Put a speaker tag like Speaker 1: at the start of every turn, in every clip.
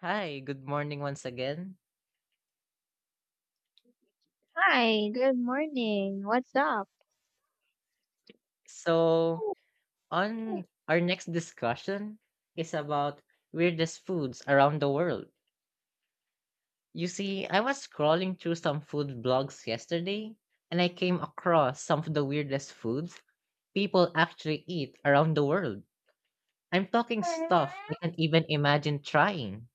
Speaker 1: Hi, good morning once again.
Speaker 2: Hi, good morning. What's up?
Speaker 1: So, on our next discussion is about weirdest foods around the world. You see, I was scrolling through some food blogs yesterday and I came across some of the weirdest foods people actually eat around the world. I'm talking stuff I can't even imagine trying.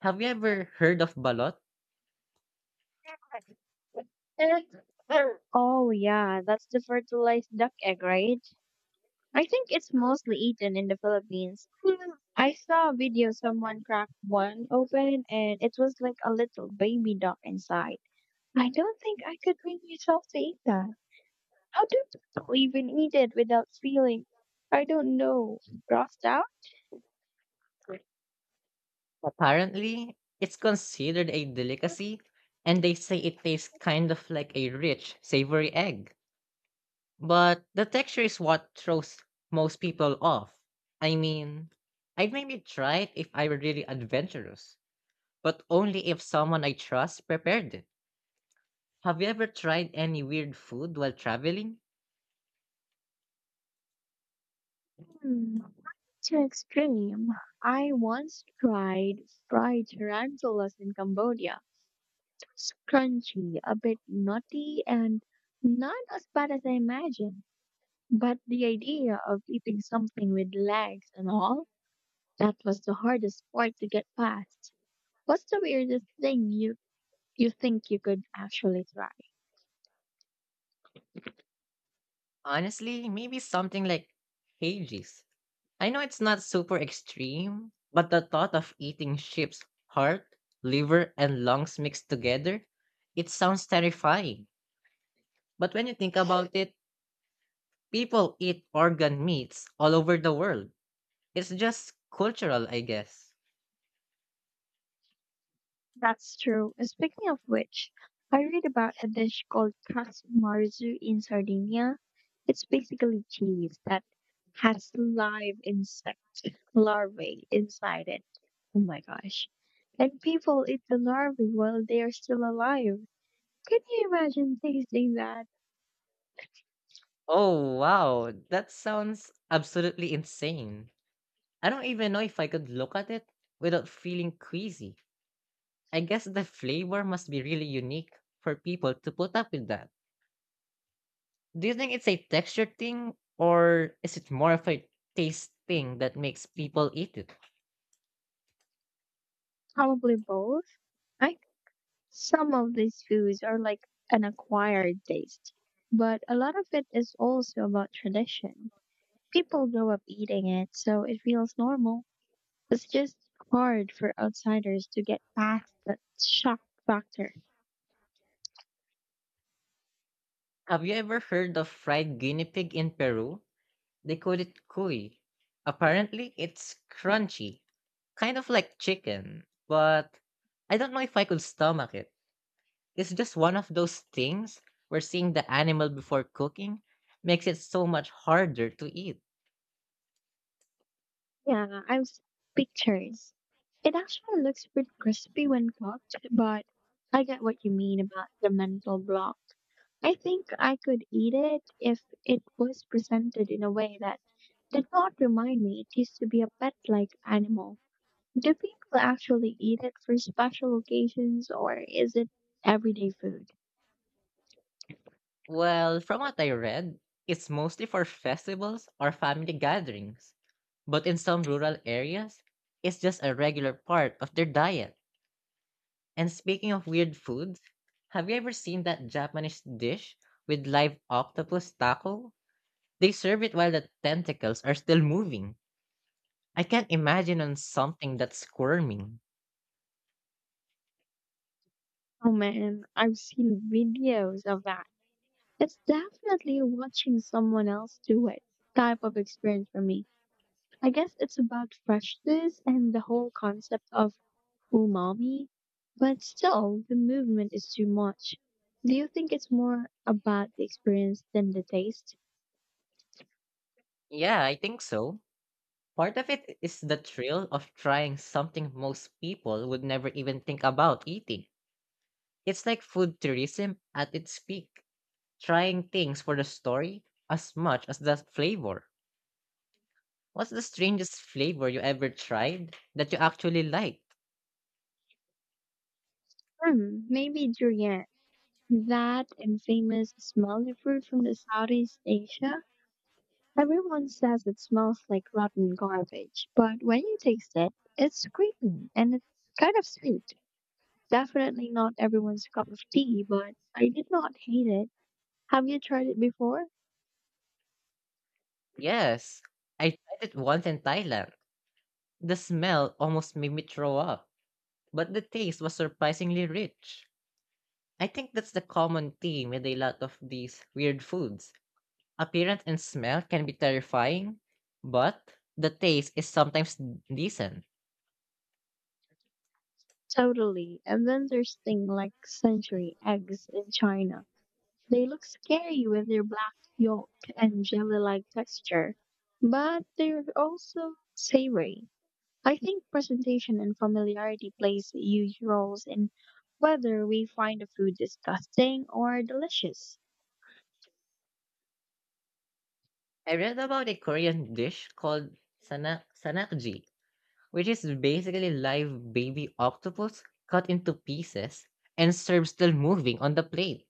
Speaker 1: Have you ever heard of balot?
Speaker 2: Oh, yeah, that's the fertilized duck egg, right? I think it's mostly eaten in the Philippines. I saw a video someone cracked one open and it was like a little baby duck inside. I don't think I could bring myself to eat that. How do people even eat it without feeling, I don't know, grossed out?
Speaker 1: Apparently, it's considered a delicacy and they say it tastes kind of like a rich, savory egg. But the texture is what throws most people off. I mean, I'd maybe try it if I were really adventurous, but only if someone I trust prepared it. Have you ever tried any weird food while traveling?
Speaker 2: Hmm. To extreme, I once tried fried tarantulas in Cambodia. Crunchy, a bit nutty, and not as bad as I imagined. But the idea of eating something with legs and all, that was the hardest part to get past. What's the weirdest thing you think you could actually try?
Speaker 1: Honestly, maybe something like Hages. I know it's not super extreme, but the thought of eating sheep's heart, liver, and lungs mixed together, it sounds terrifying. But when you think about it, people eat organ meats all over the world. It's just cultural, I guess.
Speaker 2: That's true. Speaking of which, I read about a dish called katsumazu in Sardinia. It's basically cheese that has live insect larvae inside it. Oh my gosh. And people eat the larvae while they are still alive. Can you imagine tasting that?
Speaker 1: Oh, wow. That sounds absolutely insane. I don't even know if I could look at it without feeling queasy. I guess the flavor must be really unique for people to put up with that. Do you think it's a texture thing, or is it more of a taste thing that makes people eat it?
Speaker 2: Probably both. I think some of these foods are like an acquired taste, but a lot of it is also about tradition. People grow up eating it, so it feels normal. It's just hard for outsiders to get past that shock factor.
Speaker 1: Have you ever heard of fried guinea pig in Peru? They call it cuy. Apparently, it's crunchy, kind of like chicken, but I don't know if I could stomach it. It's just one of those things where seeing the animal before cooking makes it so much harder to eat.
Speaker 2: Yeah, I've seen pictures. It actually looks pretty crispy when cooked, but I get what you mean about the mental block. I think I could eat it if it was presented in a way that did not remind me it used to be a pet like animal. Do people actually eat it for special occasions or is it everyday food?
Speaker 1: Well, from what I read, it's mostly for festivals or family gatherings. But in some rural areas, it's just a regular part of their diet. And speaking of weird foods, have you ever seen that Japanese dish with live octopus taco? They serve it while the tentacles are still moving. I can't imagine on something that's squirming.
Speaker 2: Oh man, I've seen videos of that. It's definitely watching someone else do it type of experience for me. I guess it's about freshness and the whole concept of umami, but still, the movement is too much. Do you think it's more about the experience than the taste?
Speaker 1: Yeah, I think so. Part of it is the thrill of trying something most people would never even think about eating. It's like food tourism at its peak, trying things for the story as much as the flavor. What's the strangest flavor you ever tried that you actually liked?
Speaker 2: Hmm, maybe durian. That infamous smelly fruit from the Southeast Asia. Everyone says it smells like rotten garbage, but when you taste it, it's creamy and it's kind of sweet. Definitely not everyone's cup of tea, but I did not hate it. Have you tried it before?
Speaker 1: Yes, I tried it once in Thailand. The smell almost made me throw up, but the taste was surprisingly rich. I think that's the common theme with a lot of these weird foods. Appearance and smell can be terrifying, but the taste is sometimes decent.
Speaker 2: Totally. And then there's thing like century eggs in China. They look scary with their black yolk and jelly-like texture, but they're also savory. I think presentation and familiarity plays huge roles in whether we find the food disgusting or delicious.
Speaker 1: I read about a Korean dish called sanakji, which is basically live baby octopus cut into pieces and served still moving on the plate.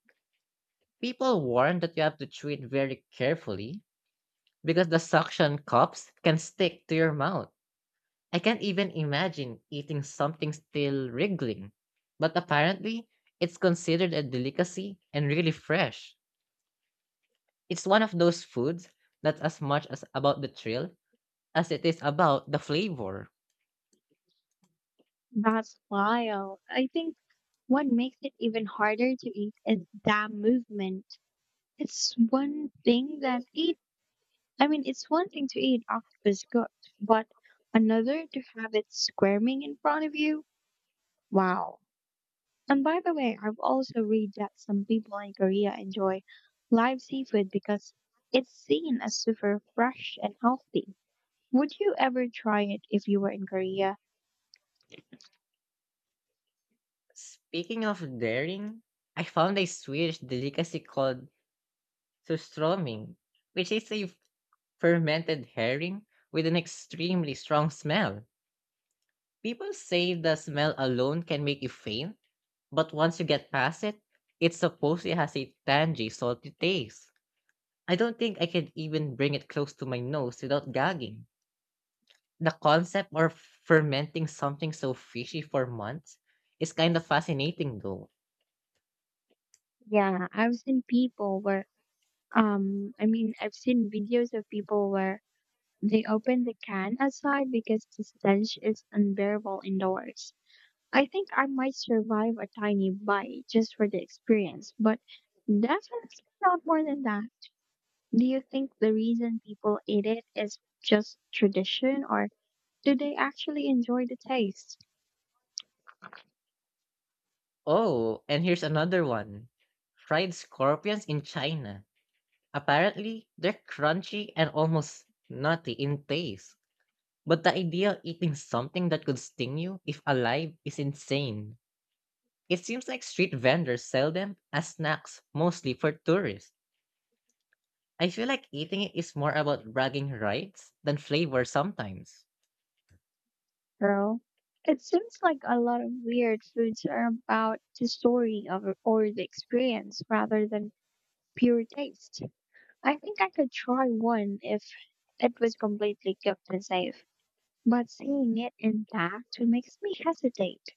Speaker 1: People warn that you have to chew it very carefully because the suction cups can stick to your mouth. I can't even imagine eating something still wriggling, but apparently it's considered a delicacy and really fresh. It's one of those foods that's as much as about the thrill as it is about the flavor.
Speaker 2: That's why I think what makes it even harder to eat is that movement. It's one thing that eat. I mean, it's one thing to eat octopus cooked, but another to have it squirming in front of you. Wow. And by the way, I've also read that some people in Korea enjoy live seafood because it's seen as super fresh and healthy. Would you ever try it if you were in Korea?
Speaker 1: Speaking of daring, I found a Swedish delicacy called surströmming, which is a fermented herring with an extremely strong smell. People say the smell alone can make you faint, but once you get past it, it's supposed it has a tangy, salty taste. I don't think I can even bring it close to my nose without gagging. The concept of fermenting something so fishy for months is kind of fascinating, though.
Speaker 2: Yeah, I've seen I mean, I've seen videos of people where they open the can outside because the stench is unbearable indoors. I think I might survive a tiny bite just for the experience, but definitely not more than that. Do you think the reason people eat it is just tradition or do they actually enjoy the taste?
Speaker 1: Oh, and here's another one: fried scorpions in China. Apparently, they're crunchy and almost nutty in taste. But the idea of eating something that could sting you if alive is insane. It seems like street vendors sell them as snacks mostly for tourists. I feel like eating it is more about bragging rights than flavor sometimes.
Speaker 2: Girl, it seems like a lot of weird foods are about the story of it or the experience rather than pure taste. I think I could try one if it was completely cooked and safe, but seeing it intact makes me hesitate.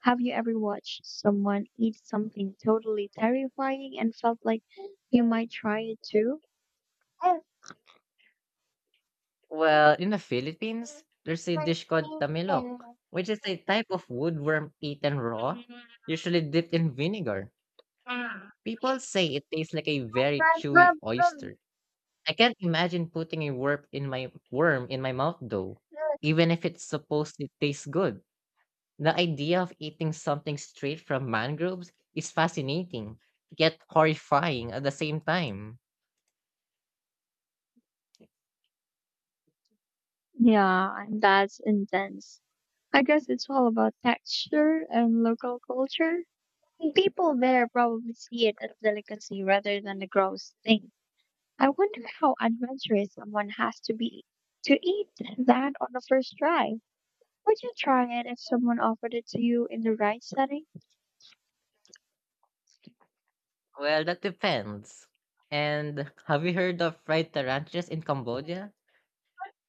Speaker 2: Have you ever watched someone eat something totally terrifying and felt like you might try it too?
Speaker 1: Well, in the Philippines, there's a dish called tamilok, which is a type of woodworm eaten raw, usually dipped in vinegar. People say it tastes like a very chewy oyster. I can't imagine putting a worm in my mouth though, even if it's supposed to taste good. The idea of eating something straight from mangroves is fascinating, yet horrifying at the same time.
Speaker 2: Yeah, and that's intense. I guess it's all about texture and local culture. People there probably see it as delicacy rather than a gross thing. I wonder how adventurous someone has to be to eat that on the first try. Would you try it if someone offered it to you in the right setting?
Speaker 1: Well, that depends. And have you heard of fried tarantulas in Cambodia?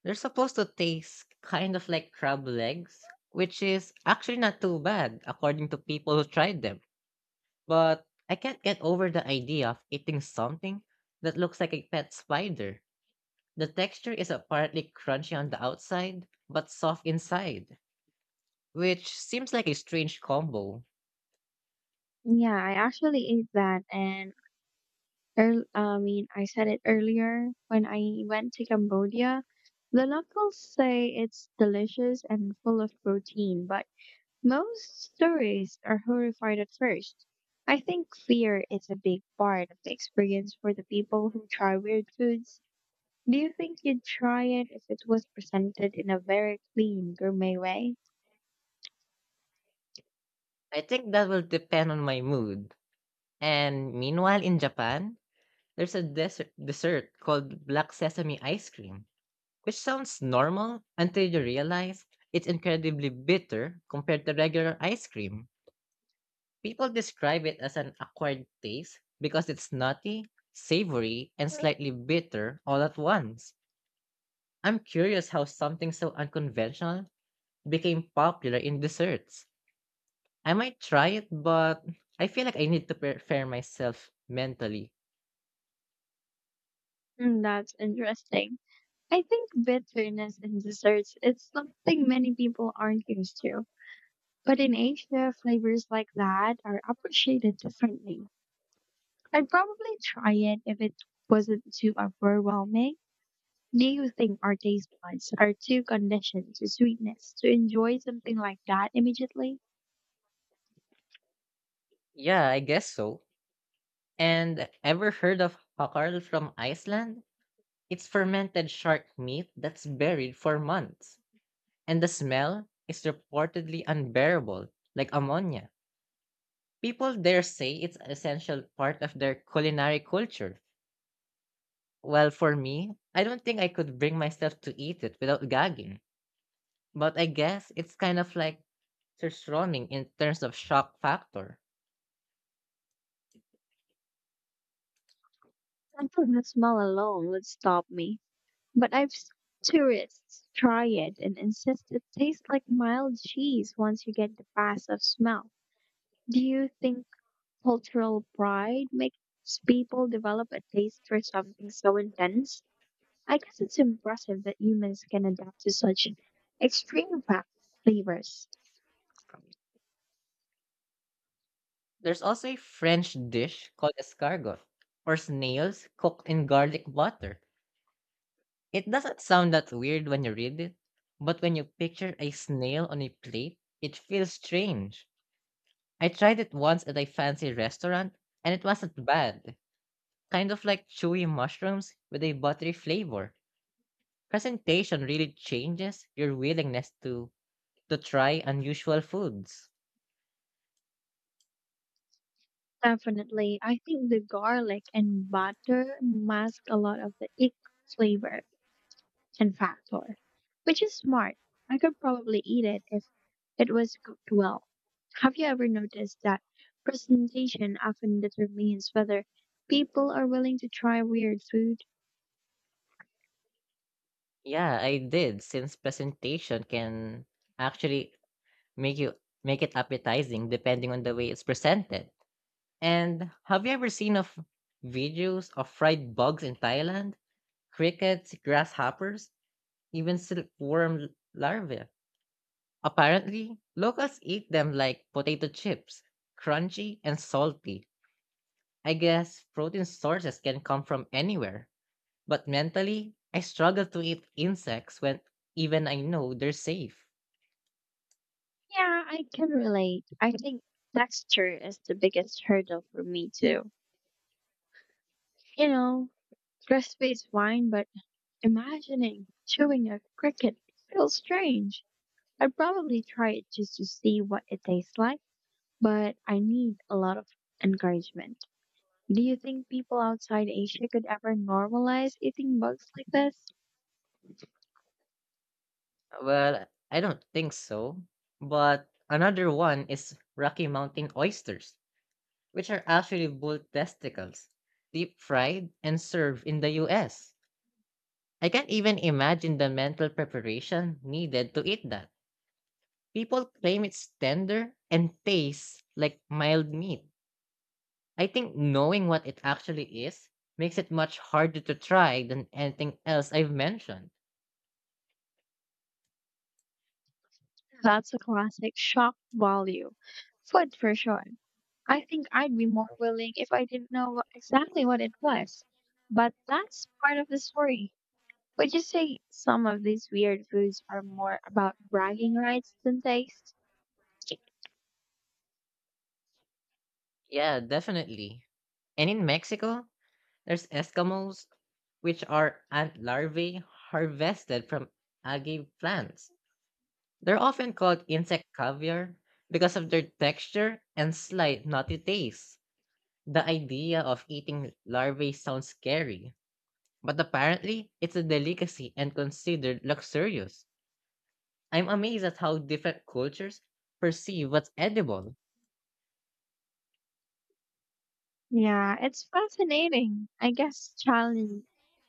Speaker 1: They're supposed to taste kind of like crab legs, which is actually not too bad according to people who tried them. But I can't get over the idea of eating something that looks like a pet spider. The texture is apparently crunchy on the outside, but soft inside, which seems like a strange combo.
Speaker 2: Yeah, I actually ate that and Earl I mean, I said it earlier when I went to Cambodia. The locals say it's delicious and full of protein, but most tourists are horrified at first. I think fear is a big part of the experience for the people who try weird foods. Do you think you'd try it if it was presented in a very clean, gourmet way?
Speaker 1: I think that will depend on my mood. And meanwhile, in Japan, there's a desert dessert called black sesame ice cream, which sounds normal until you realize it's incredibly bitter compared to regular ice cream. People describe it as an acquired taste because it's nutty, savory, and slightly bitter all at once. I'm curious how something so unconventional became popular in desserts. I might try it, but I feel like I need to prepare myself mentally.
Speaker 2: Hmm, that's interesting. I think bitterness in desserts is something many people aren't used to. But in Asia, flavors like that are appreciated differently. I'd probably try it if it wasn't too overwhelming. Do you think our taste buds are too conditioned to sweetness to enjoy something like that immediately?
Speaker 1: Yeah, I guess so. And ever heard of hakarl from Iceland? It's fermented shark meat that's buried for months. And the smell is reportedly unbearable, like ammonia. People there say it's an essential part of their culinary culture. Well, for me, I don't think I could bring myself to eat it without gagging. But I guess it's kind of like surstroming in terms of shock factor.
Speaker 2: I think the smell alone would stop me. But I've seen tourists try it and insist it tastes like mild cheese once you get the pass of smell. Do you think cultural pride makes people develop a taste for something so intense? I guess it's impressive that humans can adapt to such extreme flavors.
Speaker 1: There's also a French dish called escargot, or snails cooked in garlic butter. It doesn't sound that weird when you read it, but when you picture a snail on a plate, it feels strange. I tried it once at a fancy restaurant, and it wasn't bad. Kind of like chewy mushrooms with a buttery flavor. Presentation really changes your willingness to try unusual foods.
Speaker 2: Definitely, I think the garlic and butter mask a lot of the ick flavor and factor, which is smart. I could probably eat it if it was cooked well. Have you ever noticed that presentation often determines whether people are willing to try weird food?
Speaker 1: Yeah, I did, since presentation can actually make you make it appetizing depending on the way it's presented. And have you ever seen of videos of fried bugs in Thailand? Crickets, grasshoppers, even silkworm larvae. Apparently, locals eat them like potato chips, crunchy and salty. I guess protein sources can come from anywhere, but mentally, I struggle to eat insects when even I know they're safe.
Speaker 2: Yeah, I can relate. I think texture is the biggest hurdle for me too. You know, recipe's fine, but imagining chewing a cricket feels strange. I'd probably try it just to see what it tastes like, but I need a lot of encouragement. Do you think people outside Asia could ever normalize eating bugs like this?
Speaker 1: Well, I don't think so. But another one is Rocky Mountain oysters, which are actually bull testicles, deep fried and served in the US. I can't even imagine the mental preparation needed to eat that. People claim it's tender and tastes like mild meat. I think knowing what it actually is makes it much harder to try than anything else I've mentioned.
Speaker 2: That's a classic shock value. Food for sure. I think I'd be more willing if I didn't know exactly what it was. But that's part of the story. Would you say some of these weird foods are more about bragging rights than taste?
Speaker 1: Yeah, definitely. And in Mexico, there's Eskimos, which are ant larvae harvested from algae plants. They're often called insect caviar because of their texture and slight nutty taste. The idea of eating larvae sounds scary, but apparently it's a delicacy and considered luxurious. I'm amazed at how different cultures perceive what's edible.
Speaker 2: Yeah, it's fascinating. I guess challenge.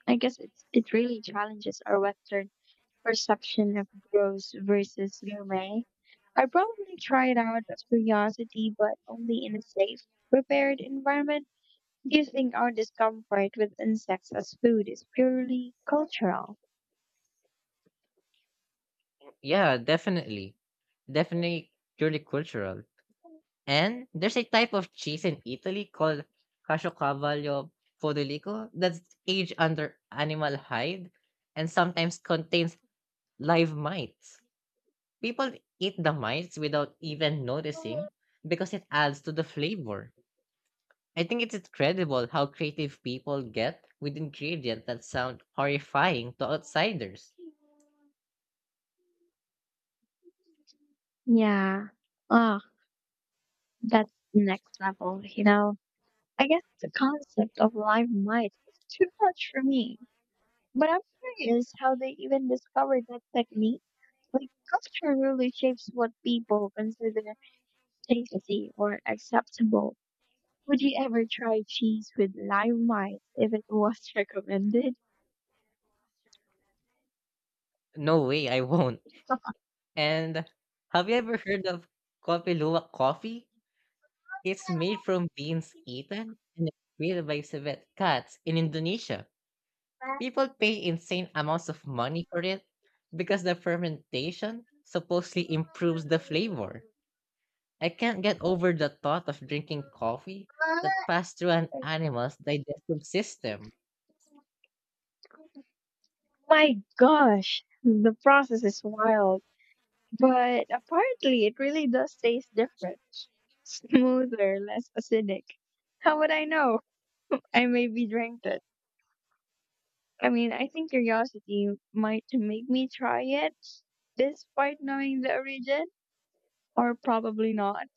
Speaker 2: I guess it really challenges our Western perception of gross versus gourmet. I probably try it out of curiosity, but only in a safe, prepared environment. Do you think our discomfort with insects as food is purely cultural?
Speaker 1: Yeah, definitely. Definitely purely cultural. And there's a type of cheese in Italy called Caciocavallo Podolico that's aged under animal hide and sometimes contains live mites. People eat the mites without even noticing because it adds to the flavor. I think it's incredible how creative people get with ingredients that sound horrifying to outsiders.
Speaker 2: Yeah. Oh, that's the next level, you know. I guess the concept of live mice is too much for me. But I'm curious how they even discovered that technique. Like, culture really shapes what people consider tasty or acceptable. Would you ever try cheese with live mice if it was recommended?
Speaker 1: No way, I won't. And have you ever heard of Kopi Luwak coffee? It's made from beans eaten and created by civet cats in Indonesia. People pay insane amounts of money for it because the fermentation supposedly improves the flavor. I can't get over the thought of drinking coffee that passed through an animal's digestive system.
Speaker 2: My gosh, the process is wild. But apparently, it really does taste different. Smoother, less acidic. How would I know? I maybe drank it. I mean, I think curiosity might make me try it, despite knowing the origin, or probably not.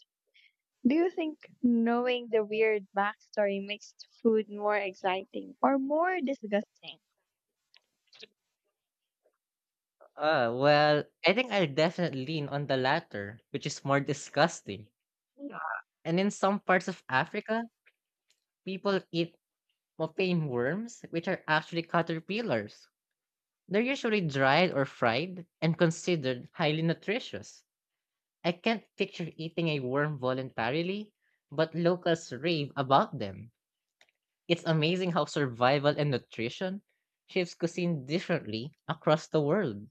Speaker 2: Do you think knowing the weird backstory makes food more exciting or more disgusting?
Speaker 1: Well, I think I'll definitely lean on the latter, which is more disgusting.
Speaker 2: Yeah.
Speaker 1: And in some parts of Africa, people eat mopane worms, which are actually caterpillars. They're usually dried or fried and considered highly nutritious. I can't picture eating a worm voluntarily, but locals rave about them. It's amazing how survival and nutrition shapes cuisine differently across the world.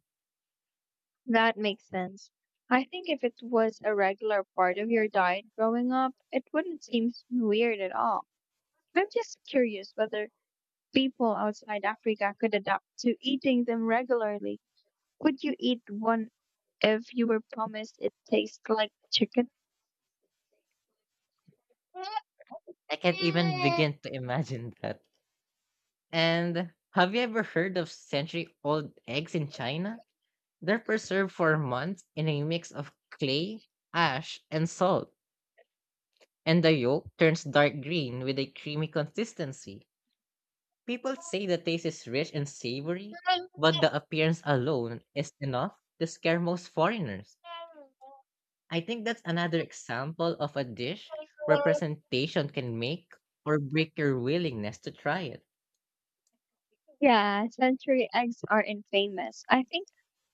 Speaker 2: That makes sense. I think if it was a regular part of your diet growing up, it wouldn't seem weird at all. I'm just curious whether people outside Africa could adapt to eating them regularly. Would you eat one if you were promised it tastes like chicken?
Speaker 1: I can't even begin to imagine that. And have you ever heard of century old eggs in China? They're preserved for months in a mix of clay, ash, and salt, and the yolk turns dark green with a creamy consistency. People say the taste is rich and savory, but the appearance alone is enough to scare most foreigners. I think that's another example of a dish where presentation can make or break your willingness to try it.
Speaker 2: Yeah, century eggs are infamous. I think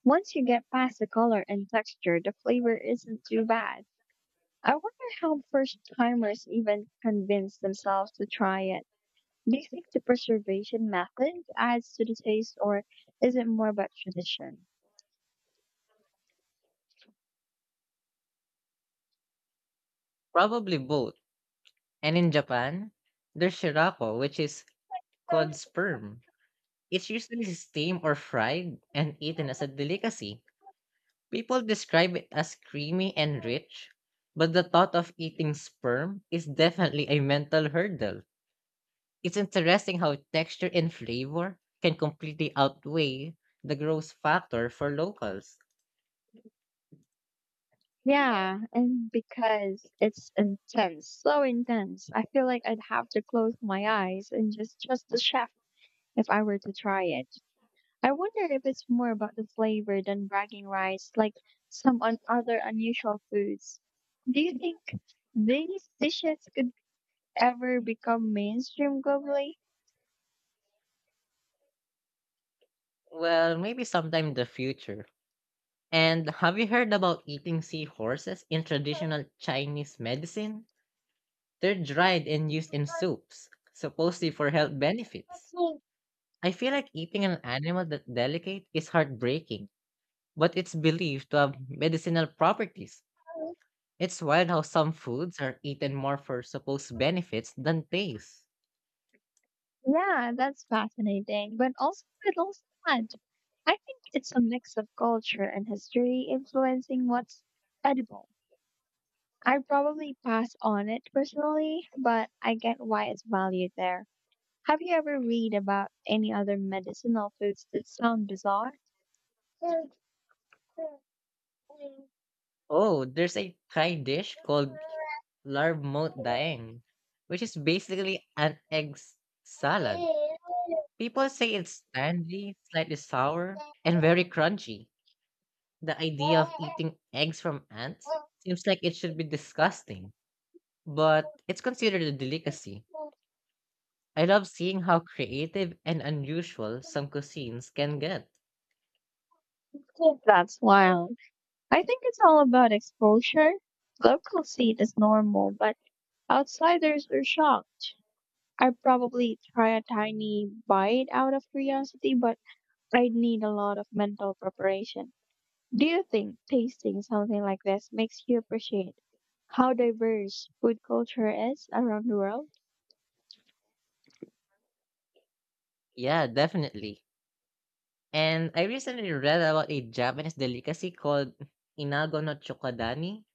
Speaker 2: once you get past the color and texture, the flavor isn't too bad. I wonder how first timers even convince themselves to try it. Do you think the preservation method adds to the taste or is it more about tradition?
Speaker 1: Probably both. And in Japan, there's shirako, which is cod sperm. It's usually steamed or fried and eaten as a delicacy. People describe it as creamy and rich, but the thought of eating sperm is definitely a mental hurdle. It's interesting how texture and flavor can completely outweigh the gross factor for locals.
Speaker 2: Yeah, and because it's intense, so intense, I feel like I'd have to close my eyes and just trust the chef if I were to try it. I wonder if it's more about the flavor than bragging rights, like some other unusual foods. Do you think these dishes could ever become mainstream globally?
Speaker 1: Well, maybe sometime in the future. And have you heard about eating seahorses in traditional Chinese medicine? They're dried and used in soups, supposedly for health benefits. I feel like eating an animal that delicate is heartbreaking, but it's believed to have medicinal properties. It's wild how some foods are eaten more for supposed benefits than taste.
Speaker 2: Yeah, that's fascinating, but also a little sad. I think it's a mix of culture and history influencing what's edible. I probably pass on it personally, but I get why it's valued there. Have you ever read about any other medicinal foods that sound bizarre?
Speaker 1: Oh, there's a Thai dish called larmot daeng, which is basically an salad. People say it's tangy, slightly sour, and very crunchy. The idea of eating eggs from ants seems like it should be disgusting, but it's considered a delicacy. I love seeing how creative and unusual some cuisines can get.
Speaker 2: That's wild. I think it's all about exposure. Locals see it as normal, but outsiders are shocked. I probably try a tiny bite out of curiosity, but I'd need a lot of mental preparation. Do you think tasting something like this makes you appreciate how diverse food culture is around the world?
Speaker 1: Yeah, definitely. And I recently read about a Japanese delicacy called inago no chokodani,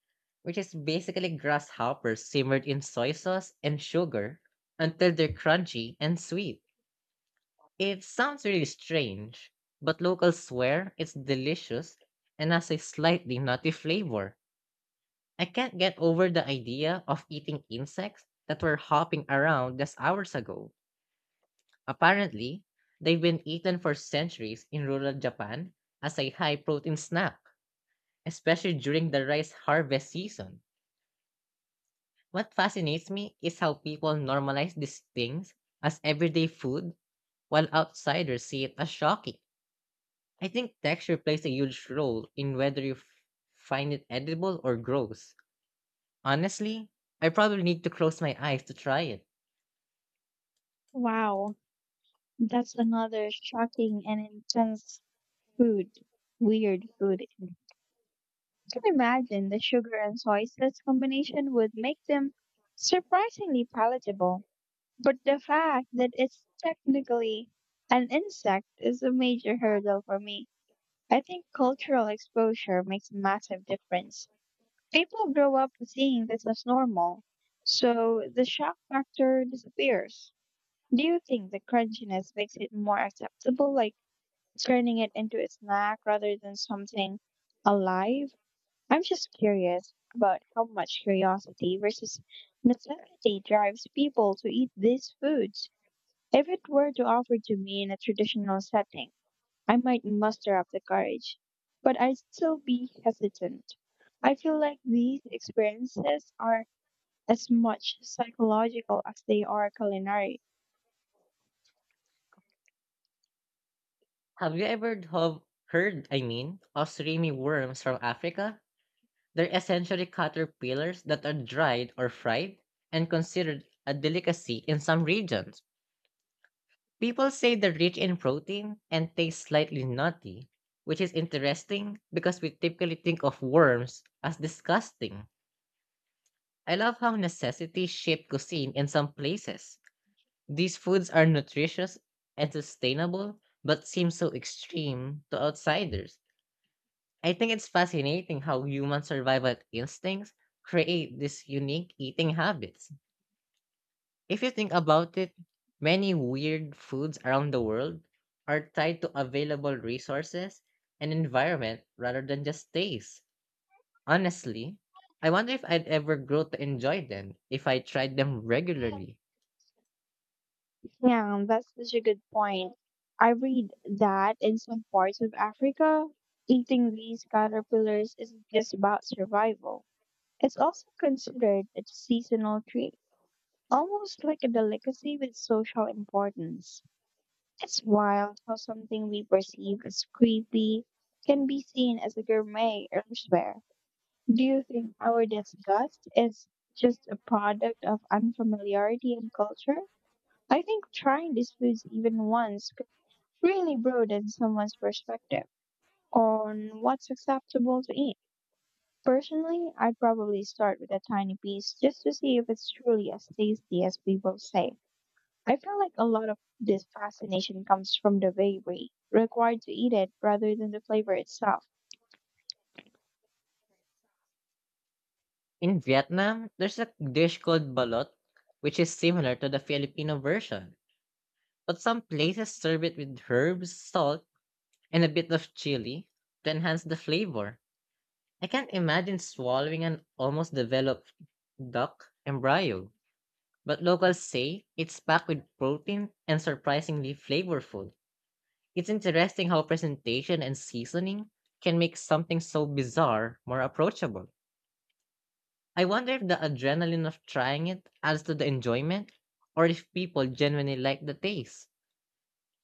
Speaker 1: which is basically grasshoppers simmered in soy sauce and sugar until they're crunchy and sweet. It sounds really strange, but locals swear it's delicious and has a slightly nutty flavor. I can't get over the idea of eating insects that were hopping around just hours ago. Apparently, they've been eaten for centuries in rural Japan as a high protein snack, especially during the rice harvest season. What fascinates me is how people normalize these things as everyday food while outsiders see it as shocking. I think texture plays a huge role in whether you find it edible or gross. Honestly, I probably need to close my eyes to try it.
Speaker 2: Wow, that's another shocking and intense food, weird food I can imagine the sugar and soy sauce combination would make them surprisingly palatable, but the fact that it's technically an insect is a major hurdle for me. I think cultural exposure makes a massive difference. People grow up seeing this as normal, so the shock factor disappears. Do you think the crunchiness makes it more acceptable, like turning it into a snack rather than something alive? I'm just curious about how much curiosity versus necessity drives people to eat these foods. If it were to offer to me in a traditional setting, I might muster up the courage, but I'd still be hesitant. I feel like these experiences are as much psychological as they are culinary.
Speaker 1: Have you ever have heard, I mean, of streamy worms from Africa? They're essentially caterpillars that are dried or fried and considered a delicacy in some regions. People say they're rich in protein and taste slightly nutty, which is interesting because we typically think of worms as disgusting. I love how necessity shaped cuisine in some places. These foods are nutritious and sustainable, but seem so extreme to outsiders. I think it's fascinating how human survival instincts create these unique eating habits. If you think about it, many weird foods around the world are tied to available resources and environment rather than just taste. Honestly, I wonder if I'd ever grow to enjoy them if I tried them regularly.
Speaker 2: Yeah, that's such a good point. I read that in some parts of Africa, eating these caterpillars isn't just about survival. It's also considered a seasonal treat, almost like a delicacy with social importance. It's wild how something we perceive as creepy can be seen as a gourmet elsewhere. Do you think our disgust is just a product of unfamiliarity and culture? I think trying these foods even once really broaden someone's perspective on what's acceptable to eat. Personally, I'd probably start with a tiny piece just to see if it's truly as tasty as people say. I feel like a lot of this fascination comes from the bravery required to eat it rather than the flavor itself.
Speaker 1: In Vietnam, there's a dish called balot, which is similar to the Filipino version, but some places serve it with herbs, salt, and a bit of chili to enhance the flavor. I can't imagine swallowing an almost developed duck embryo, but locals say it's packed with protein and surprisingly flavorful. It's interesting how presentation and seasoning can make something so bizarre more approachable. I wonder if the adrenaline of trying it adds to the enjoyment or if people genuinely like the taste.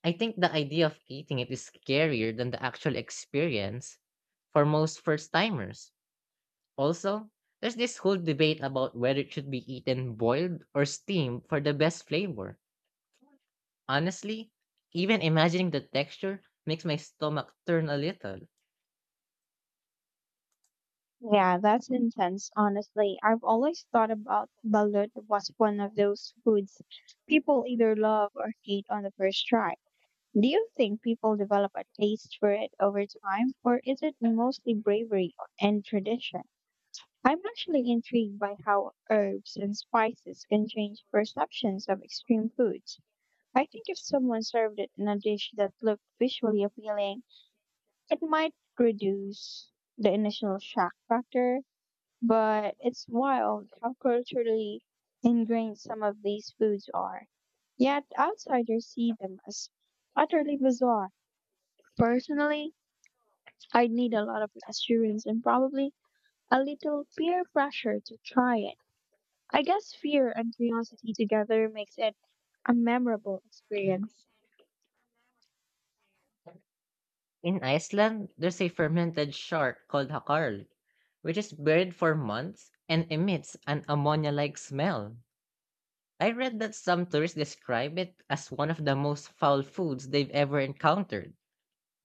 Speaker 1: I think the idea of eating it is scarier than the actual experience for most first timers. Also, there's this whole debate about whether it should be eaten boiled or steamed for the best flavor. Honestly, even imagining the texture makes my stomach turn a little.
Speaker 2: Yeah, that's intense, honestly. I've always thought about balut was one of those foods people either love or hate on the first try. Do you think people develop a taste for it over time, or is it mostly bravery and tradition? I'm actually intrigued by how herbs and spices can change perceptions of extreme foods. I think if someone served it in a dish that looked visually appealing, it might reduce the initial shock factor but it's wild how culturally ingrained some of these foods are. Yet outsiders see them as utterly bizarre. Personally, I'd need a lot of assurance and probably a little peer pressure to try it. I guess fear and curiosity together makes it a memorable experience.
Speaker 1: In Iceland, there's a fermented shark called hakarl, which is buried for months and emits an ammonia like smell. I read that some tourists describe it as one of the most foul foods they've ever encountered,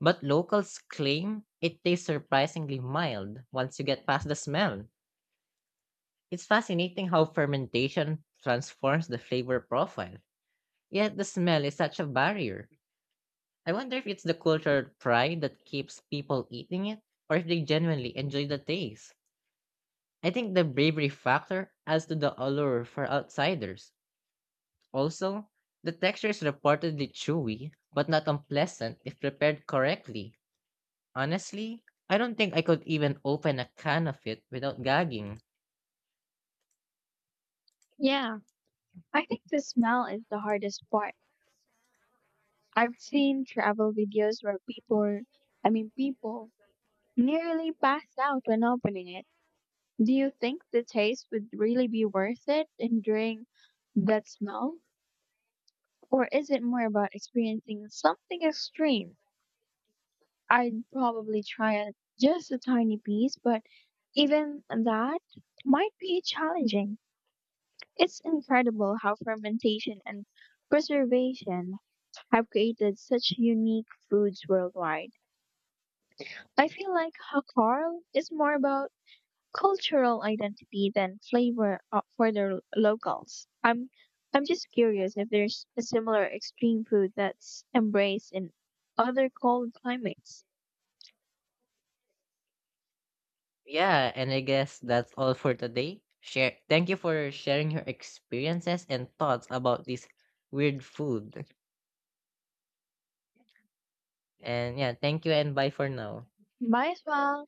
Speaker 1: but locals claim it tastes surprisingly mild once you get past the smell. It's fascinating how fermentation transforms the flavor profile, yet the smell is such a barrier. I wonder if it's the cultural pride that keeps people eating it, or if they genuinely enjoy the taste. I think the bravery factor adds to the allure for outsiders. Also, the texture is reportedly chewy, but not unpleasant if prepared correctly. Honestly, I don't think I could even open a can of it without gagging.
Speaker 2: Yeah, I think the smell is the hardest part. I've seen travel videos where I mean, people nearly pass out when opening it. Do you think the taste would really be worth it enduring that smell? Or is it more about experiencing something extreme? I'd probably try it just a tiny piece, but even that might be challenging. It's incredible how fermentation and preservation have created such unique foods worldwide. I feel like Hakar is more about cultural identity than flavor for the locals. I'm just curious if there's a similar extreme food that's embraced in other cold climates.
Speaker 1: Yeah, and I guess that's all for today. Share thank you for sharing your experiences and thoughts about this weird food. And yeah, thank you and bye for now.
Speaker 2: Might as well